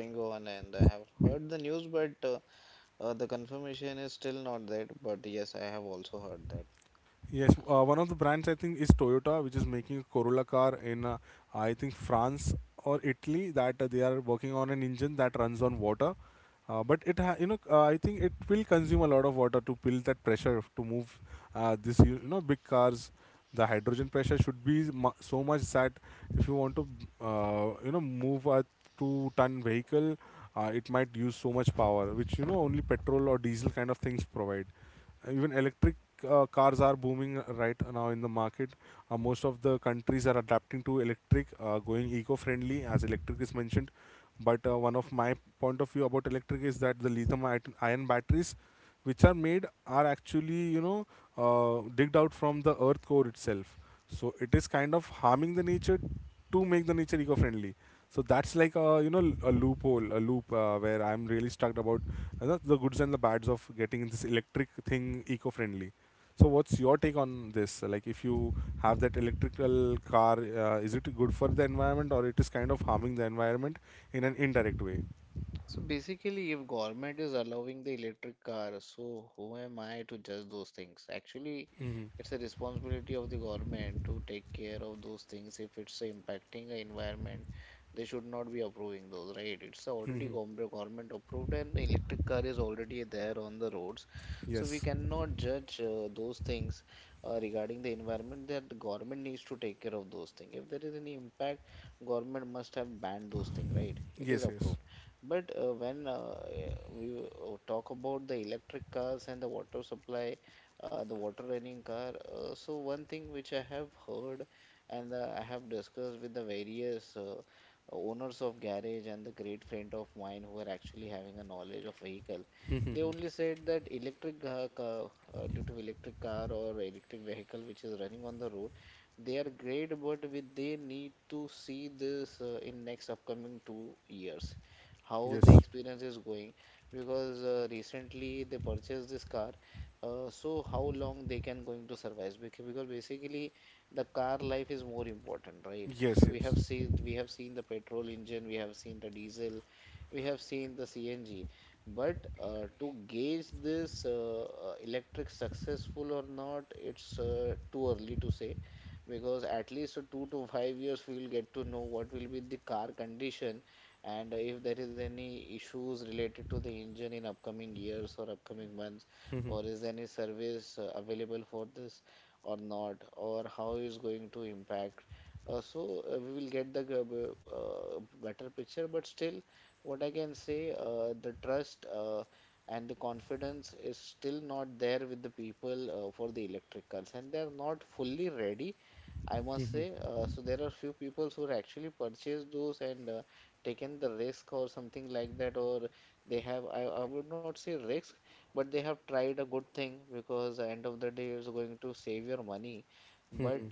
Speaker 1: Yes, uh, one of the brands I think is Toyota, which is making a Corolla car in, uh, I think, France or Italy. That uh, they are working on an engine that runs on water, uh, but it ha- you know uh, I think it will consume a lot of water to build that pressure to move uh, this you you know big cars. The hydrogen pressure should be mu- so much that if you want to uh, you know move a two ton vehicle, uh, it might use so much power, which, you know, only petrol or diesel kind of things provide. Even electric uh, cars are booming right now in the market. Uh, most of the countries are adapting to electric, uh, going eco-friendly, as electric is mentioned. But uh, one of my point of view about electric is that the lithium-ion batteries, which are made, are actually you know uh, digged out from the earth core itself. So it is kind of harming the nature to make the nature eco-friendly. So that's like a, you know l- a loophole, a loop uh, where I'm really stuck about, and the the goods and the bads of getting this electric thing eco-friendly. So what's your take on this? Like, if you have that electrical car, uh, is it good for the environment, or it is kind of harming the environment in an indirect way? Hmm. Hmm. Yes. Yes. Yes. Hmm. Yes. Yes. Yes. Hmm. Hmm. Hmm.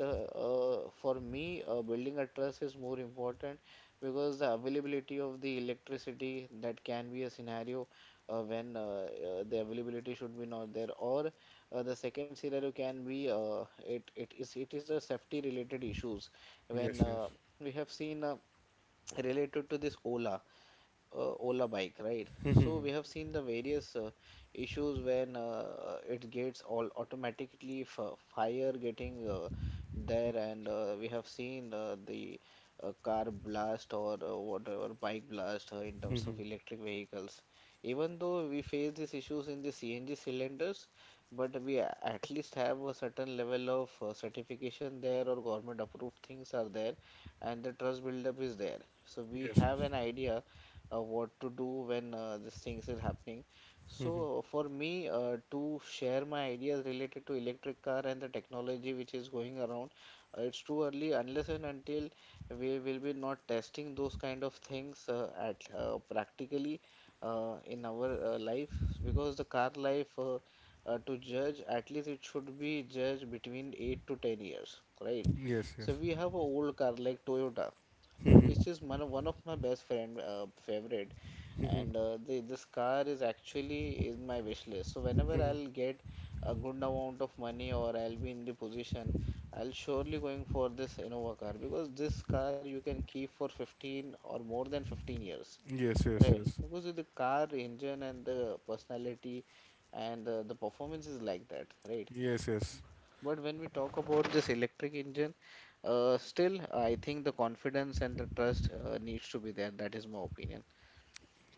Speaker 1: Yes. Yes. Hmm. Hmm. Yes. Yes. Hmm. Yes. Yes. Hmm. Hmm. Hmm. Yes, yes, yes. Yes, yes.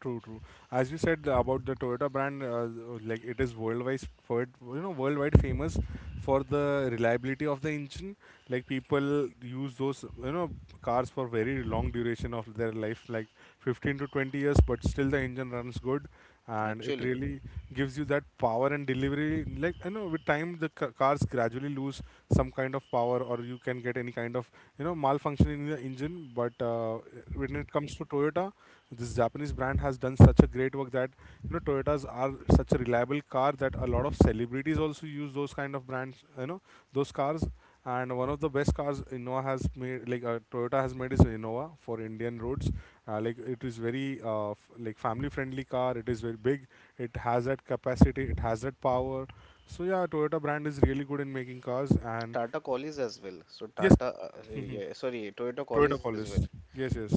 Speaker 1: True, true. As you said the- about the Toyota brand, uh, uh, like it is worldwide, for it, you know, worldwide famous for the reliability of the engine. Like, people use those, you know, cars for very long duration of their life, like fifteen to twenty years, but still the engine runs good and it really gives you that power and delivery. Like, you know, with time the ca- cars gradually lose some kind of power, or you can get any kind of, you know, malfunction in the engine. But uh, when it comes to Toyota, this Japanese brand has done such a great work that, you know, Toyotas are such a reliable car that a lot of celebrities also use those kind of brands, you know, those cars. And one of the best cars innova has made like uh, toyota has made is Innova, for Indian roads. Uh, like, it is very uh, f- like family friendly car. It is very big, it has that capacity, it has that power. So yeah, Toyota brand is really good in making cars and yes Toyota Collis, yes, yes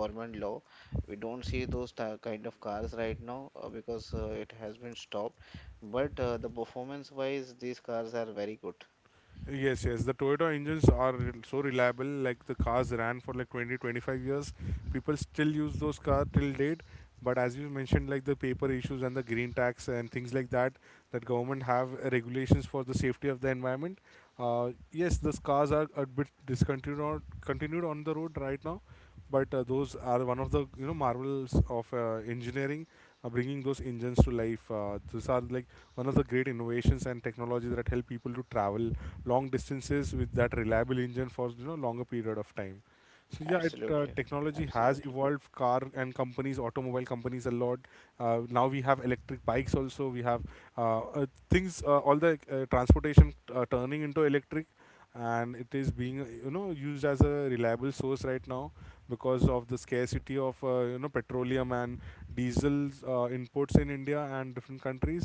Speaker 1: Yes, yes. The Toyota engines are rel- so reliable. Like, the cars ran for like twenty, twenty-five years. People still use those cars till date. But as you mentioned, like, the paper issues and the green tax and things like that, that government have uh, regulations for the safety of the environment. Uh, yes, those cars are a bit discontinued on, continued on the road right now, but uh, those are one of the, you know, marvels of uh, engineering, uh, bringing those engines to life. Uh, those are like one of the great innovations and technologies that help people to travel long distances with that reliable engine for, you know, longer period of time. So yeah, it, uh, technology has evolved car and companies, automobile companies a lot. Uh, now we have electric bikes also. We have uh, uh, things, uh, all the uh, transportation uh, turning into electric, and it is being uh, you know used as a reliable source right now because of the scarcity of, uh, you know petroleum and diesel uh, imports in India and different countries.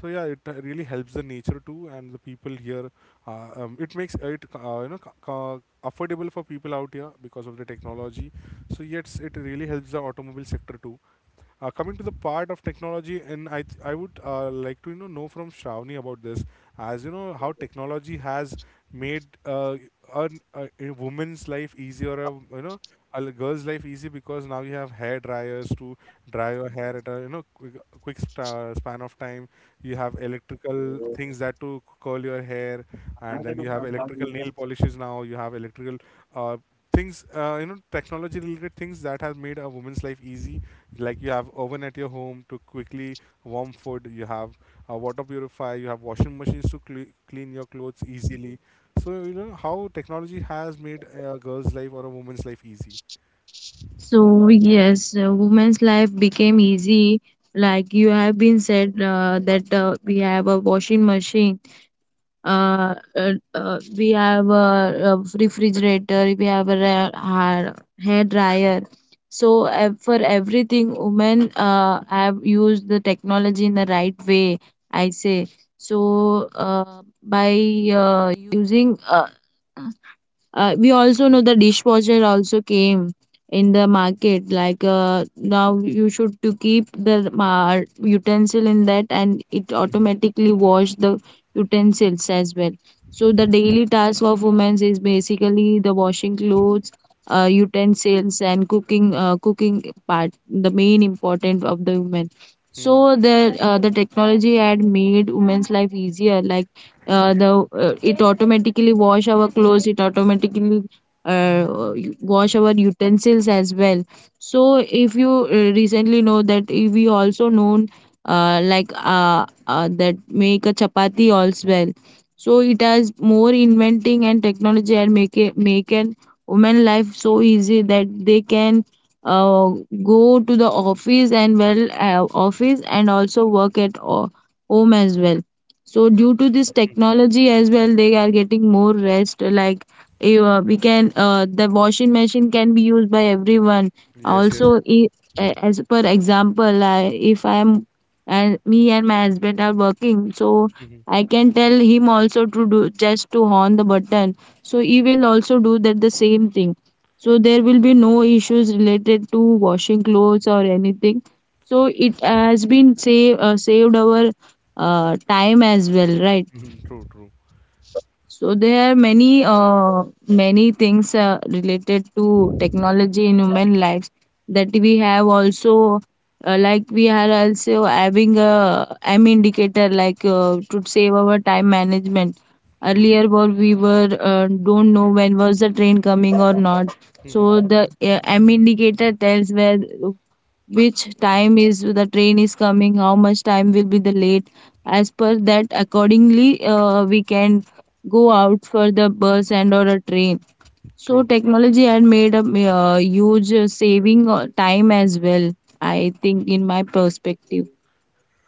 Speaker 1: So yeah, it uh, really helps the nature too, and the people here. Uh, um, it makes it uh, you know ca- ca- affordable for people out here, because of the technology. So yes, it really helps the automobile sector too. Uh, coming to the part of technology, and I, th- I would uh, like to, you know know from Shravani about this, as you know how technology has made uh, a, a, a woman's life easy, or a, you know, a l- girl's life easy, because now you have hair dryers to dry your hair at a, you know, quick, quick sp- uh, span of time. You have electrical things that to curl your hair, and then you have electrical nail polishes now. You have electrical uh, things, uh, you know technology related things that have made a woman's life easy. Like, you have oven at your home to quickly warm food, you have a water purifier, you have washing machines to cle clean your clothes easily. So, you know, how technology has made a girl's life or a woman's life easy.
Speaker 2: So yes, uh, women's life became easy. Like you have been said, uh, that uh, we have a washing machine, uh, uh, uh, we have a, a refrigerator, we have a ra- har- hair dryer. So, uh, for everything, women uh, have used the technology in the right way, I say. So, uh, by uh, using uh, Uh, we also know the dishwasher also came in the market. Like, uh, now you should to keep the uh, utensil in that, and it
Speaker 1: Mm-hmm.
Speaker 2: automatically wash the utensils as well. So the daily task of women is basically the washing clothes, uh, utensils, and cooking. Uh, cooking part, the main important of the women.
Speaker 1: Mm-hmm.
Speaker 2: So the uh, the technology had made women's life easier. Like, uh, the uh, it automatically wash our clothes, it automatically uh, wash our utensils as well. So if you uh, recently know, that if we also known, uh, like uh, uh, that make a chapati as well. So it has more inventing and technology, and make it, make an woman life so easy that they can uh, go to the office, and well uh, office and also work at o- home as well. So due to this technology as well, they are getting more rest. Like, you, uh, we can, uh, the washing machine can be used by everyone.
Speaker 1: Yes, yes.
Speaker 2: Also, i- a- as per example, I, if I am, and me and my husband are working, so
Speaker 1: Mm-hmm.
Speaker 2: I can tell him also to do just to on the button, so he will also do that the same thing. So there will be no issues related to washing clothes or anything. So it has been save, uh, saved our uh, time as well, right?
Speaker 1: Mm-hmm. True, true.
Speaker 2: So there are many uh, many things uh, related to technology in human lives, that we have also, uh, like we are also having a M indicator, like, uh, to save our time management.
Speaker 1: True, true.
Speaker 2: Earlier, what we were, uh, don't know when was the train coming or not.
Speaker 1: Mm-hmm.
Speaker 2: So the, uh, M indicator tells where, which time is the train is coming, how much time will be the late. As per that, accordingly, uh, we can go out for the bus and or a train. So
Speaker 1: True.
Speaker 2: technology had made a, uh, huge uh, saving uh, time as well, I think, in my perspective.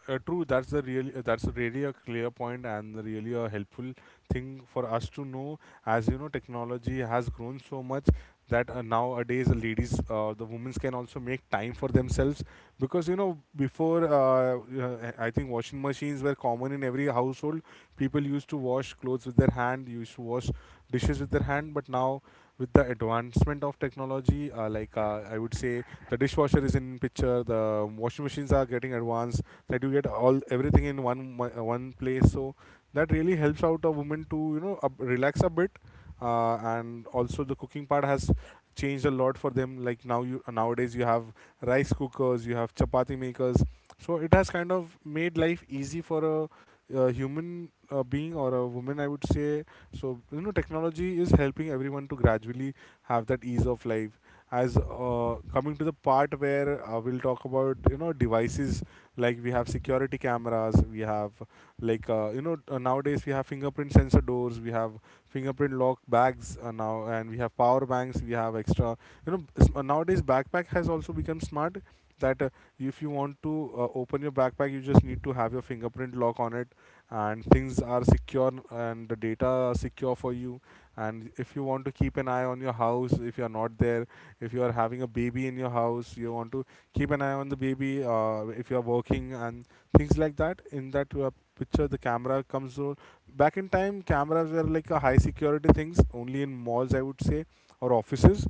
Speaker 1: Uh, true, that's the really, uh, that's really a clear point and really a helpful thing for us to know. As you know, technology has grown so much that uh, nowadays the ladies, uh, the women can also make time for themselves, because, you know, before uh, uh, I think washing machines were common in every household. People used to wash clothes with their hand, used to wash dishes with their hand. But now, with the advancement of technology, uh, like uh, I would say the dishwasher is in picture, the washing machines are getting advanced, that you get all everything in one uh, one place. So that really helps out a woman to, you know, up, relax a bit. Uh, and also the cooking part has changed a lot for them. Like, now you nowadays you have rice cookers, you have chapati makers. So it has kind of made life easy for a, a human uh, being, or a woman, I would say. So, you know, technology is helping everyone to gradually have that ease of life. As uh, coming to the part where uh, we'll talk about, you know, devices, like we have security cameras, we have like, uh, you know uh, nowadays we have fingerprint sensor doors, we have fingerprint lock bags uh, now, and we have power banks, we have extra, you know s- uh, nowadays backpack has also become smart, that uh, if you want to uh, open your backpack, you just need to have your fingerprint lock on it, and things are secure and the data are secure for you. And if you want to keep an eye on your house, if you are not there, if you are having a baby in your house, you want to keep an eye on the baby, uh, if you are working and things like that, in that uh, picture the camera comes o- back in time. Cameras were like a high security things only in malls, I would say, or offices.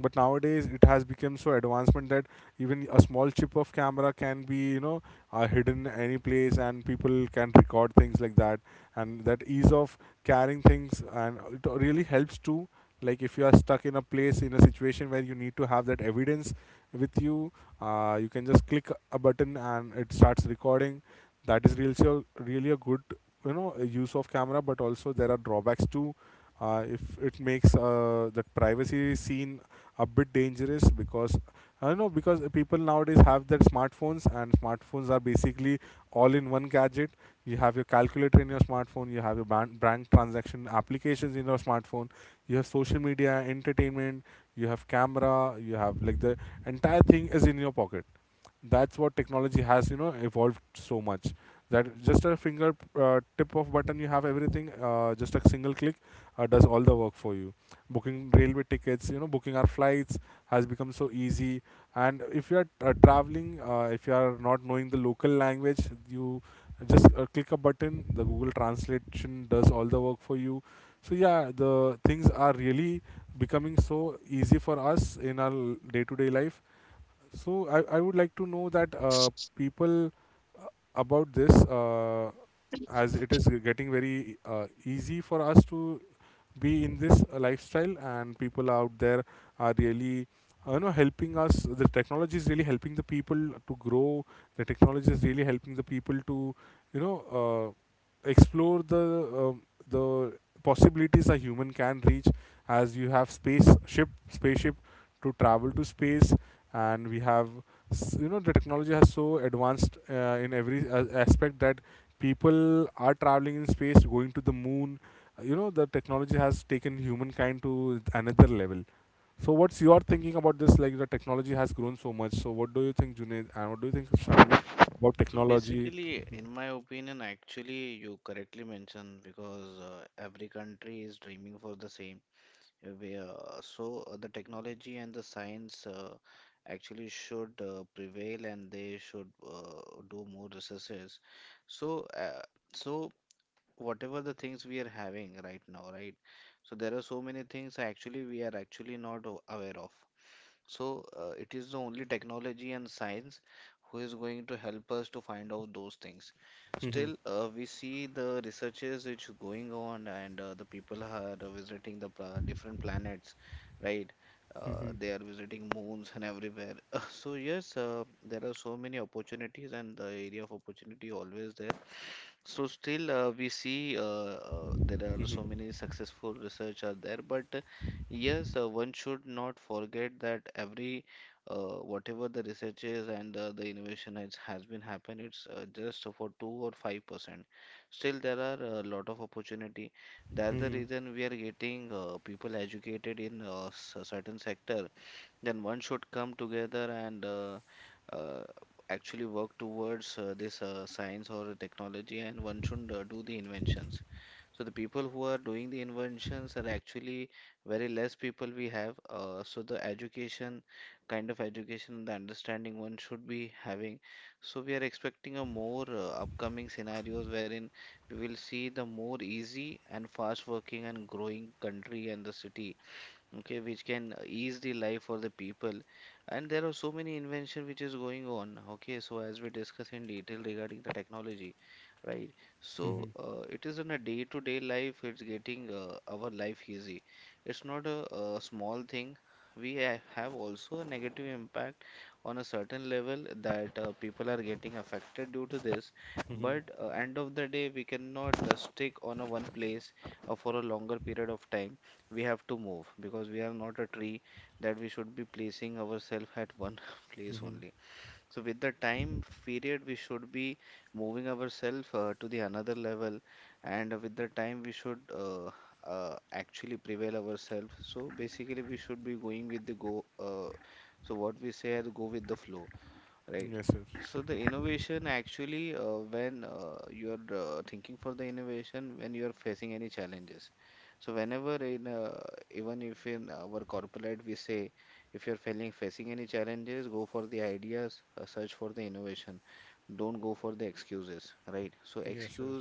Speaker 1: But nowadays it has become so advancement that even a small chip of camera can be, you know, uh, hidden any place, and people can record things like that. And that ease of carrying things, and it really helps to, like if you are stuck in a place, in a situation where you need to have that evidence with you, uh, you can just click a button and it starts recording. That is really a, really a good, you know, use of camera. But also there are drawbacks too. uh, if it makes uh, that privacy scene a bit dangerous, because I don't know, because people nowadays have that smartphones, and smartphones are basically all in one gadget. You have your calculator in your smartphone, you have your ban- bank transaction applications in your smartphone, you have social media, entertainment, you have camera, you have like the entire thing is in your pocket. That's what technology has you know evolved so much that just a finger uh, tip of button you have everything, uh, just a single click uh, does all the work for you. Booking railway tickets, you know booking our flights has become so easy. And if you are uh, traveling, uh, if you are not knowing the local language, you just uh, click a button, the Google translation does all the work for you. So yeah, the things are really becoming so easy for us in our day to day life. So I, I would like to know that, uh, people, uh, about this, uh, as it is getting very uh, easy for us to be in this uh, lifestyle, and people out there are really, uh, you know helping us. The technology is really helping the people to grow. The technology is really helping the people to you know uh, explore the, um the possibilities a human can reach, as you have space ship spaceship to travel to space. And we have, s- you know the technology has so advanced uh, in every uh, aspect that people are traveling in space, going to the moon. Uh, you know the technology has taken humankind to another level. So what's your thinking about this? Like, the technology has grown so much. So what do you think, Junaid, and what do you think, Shravani, about technology? Mhm, mhm, mhm, mhm, mhm, mhm. Yes, yes, yes, yes.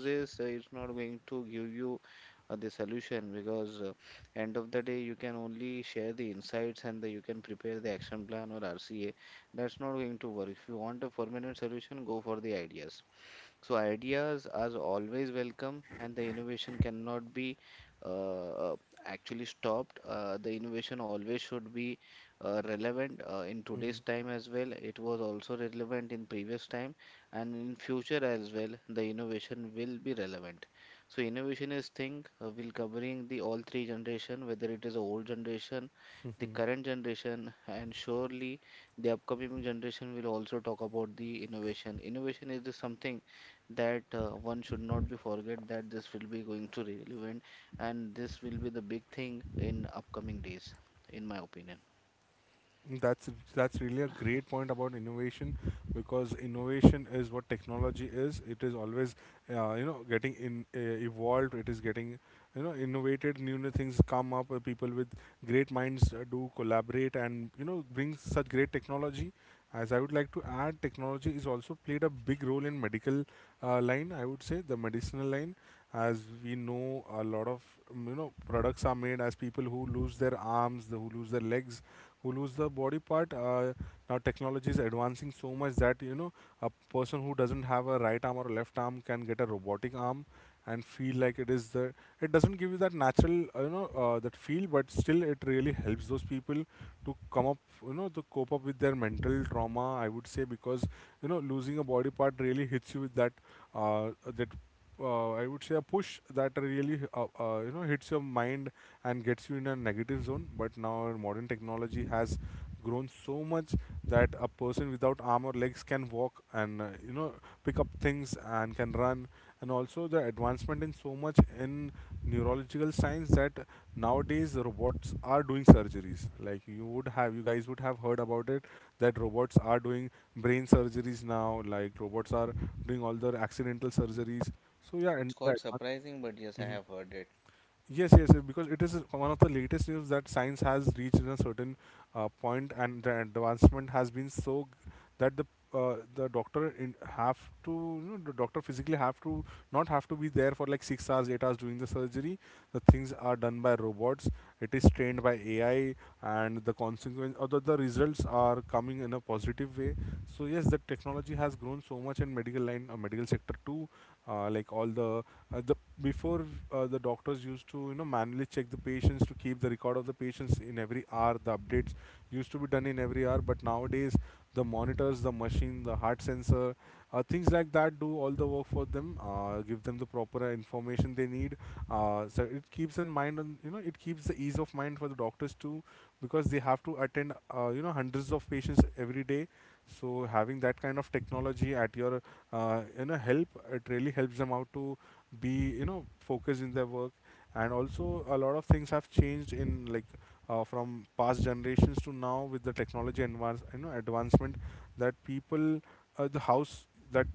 Speaker 1: Mhm, mhm. That's that's really a great point about innovation, because innovation is what technology is. It is always, uh, you know getting in uh, evolved. It is getting, you know innovated. New new things come up. Uh, people with great minds uh, do collaborate and you know bring such great technology. As I would like to add, technology is also played a big role in medical uh, line. I would say the medicinal line. As we know, a lot of um, you know products are made, as people who lose their arms, the, who lose their legs, who lose the body part. Uh, now technology is advancing so much that, you know a person who doesn't have a right arm or a left arm can get a robotic arm and feel like it is, the it doesn't give you that natural, uh, you know uh, that feel, but still it really helps those people to come up, you know to cope up with their mental trauma, I would say. Because, you know losing a body part really hits you with that, uh, that uh, I would say, a push that really, uh, uh, you know hits your mind and gets you in a negative zone. But now our modern technology has grown so much that a person without arm or legs can walk and, uh, you know pick up things and can run. And also the advancement in so much in neurological science, that nowadays robots are doing surgeries. Like, you would have you guys would have heard about it, that robots are doing brain surgeries now. Like, robots are doing all their accidental surgeries. So yeah, and that. Yes, yes, uh, because it is one of the latest news that science has reached in a certain uh, point, and the advancement has been so g- that the uh, the doctor in have to, you know the doctor physically have to — not have to be there for like six hours, eight hours doing the surgery. The things are done by robots. It is trained by A I, and the consequence or the, the results are coming in a positive way. So yes, the technology has grown so much in medical line or medical sector too. Uh, like all the uh, the before before uh, the doctors used to, you know manually check the patients, to keep the record of the patients in every hour. The updates used to be done in every hour, but nowadays the monitors, the machine, the heart sensor, uh, things like that do all the work for them, uh, give them the proper, uh, information they need. Uh, so it keeps in mind on, you know it keeps the ease of mind for the doctors too, because they have to attend, uh, you know hundreds of patients every day. So having that kind of technology at your, uh, you know help, it really helps them out to be, you know focused in their work. And also a lot of things have changed, in like uh, from past generations to now with the technology advance you know advancement. That people, uh, the house that,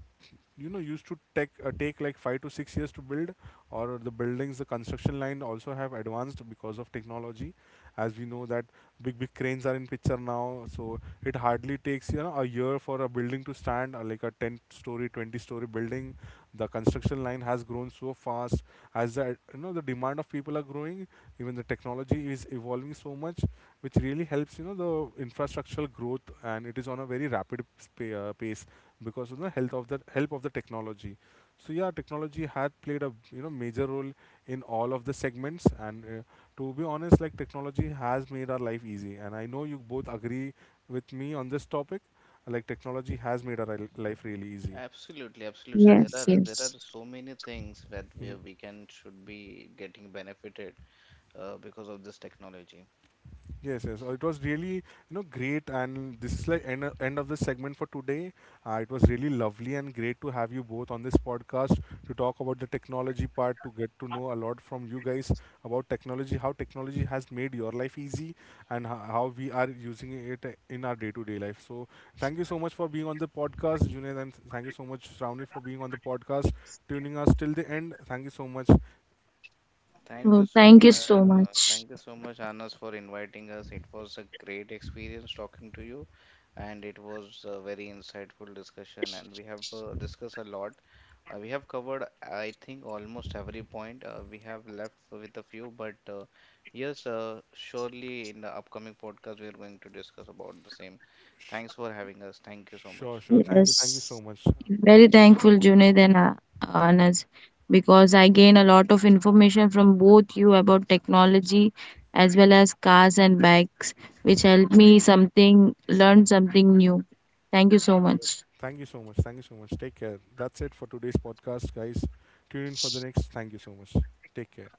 Speaker 1: you know used to take uh, take like five to six years to build. Or the buildings, the construction line also have advanced because of technology. As we know that big big cranes are in picture now. So it hardly takes, you know a year for a building to stand, or like a ten story twenty story building. The construction line has grown so fast, as, the you know the demand of people are growing, even the technology is evolving so much, which really helps, you know the infrastructural growth. And it is on a very rapid sp- uh, pace, because of the health of the help of the technology. So yeah, technology had played a, you know major role in all of the segments. And uh, to be honest, like, technology has made our life easy, and I know you both agree with me on this topic. Like, technology has made our li- life really easy.
Speaker 2: Yes, yes.
Speaker 1: Yes, yes. Uh, It was really, you know, great. And this is like end, end of the segment for today. Uh, it was really lovely and great to have you both on this podcast, to talk about the technology part, to get to know a lot from you guys about technology, how technology has made your life easy, and ho- how we are using it uh, in our day-to-day life. So thank you so much for being on the podcast, Junaid, and thank you so much, Shravani, for being on the podcast, tuning us till the end. Thank you so much.
Speaker 2: So thank you so much.
Speaker 1: Sh- sure, sure. Thank you, thank you so
Speaker 2: Yes.
Speaker 1: much.
Speaker 2: Very thankful, Junaid and uh, Anas, because I gain a lot of information from both you about technology, as well as cars and bikes, which helped me something, learn something new. Thank you so
Speaker 1: Yes.
Speaker 2: much.
Speaker 1: Thank you so much. Thank you so much. Take care. That's it for today's podcast, guys. Tune in for the next. Thank you so much. Take care.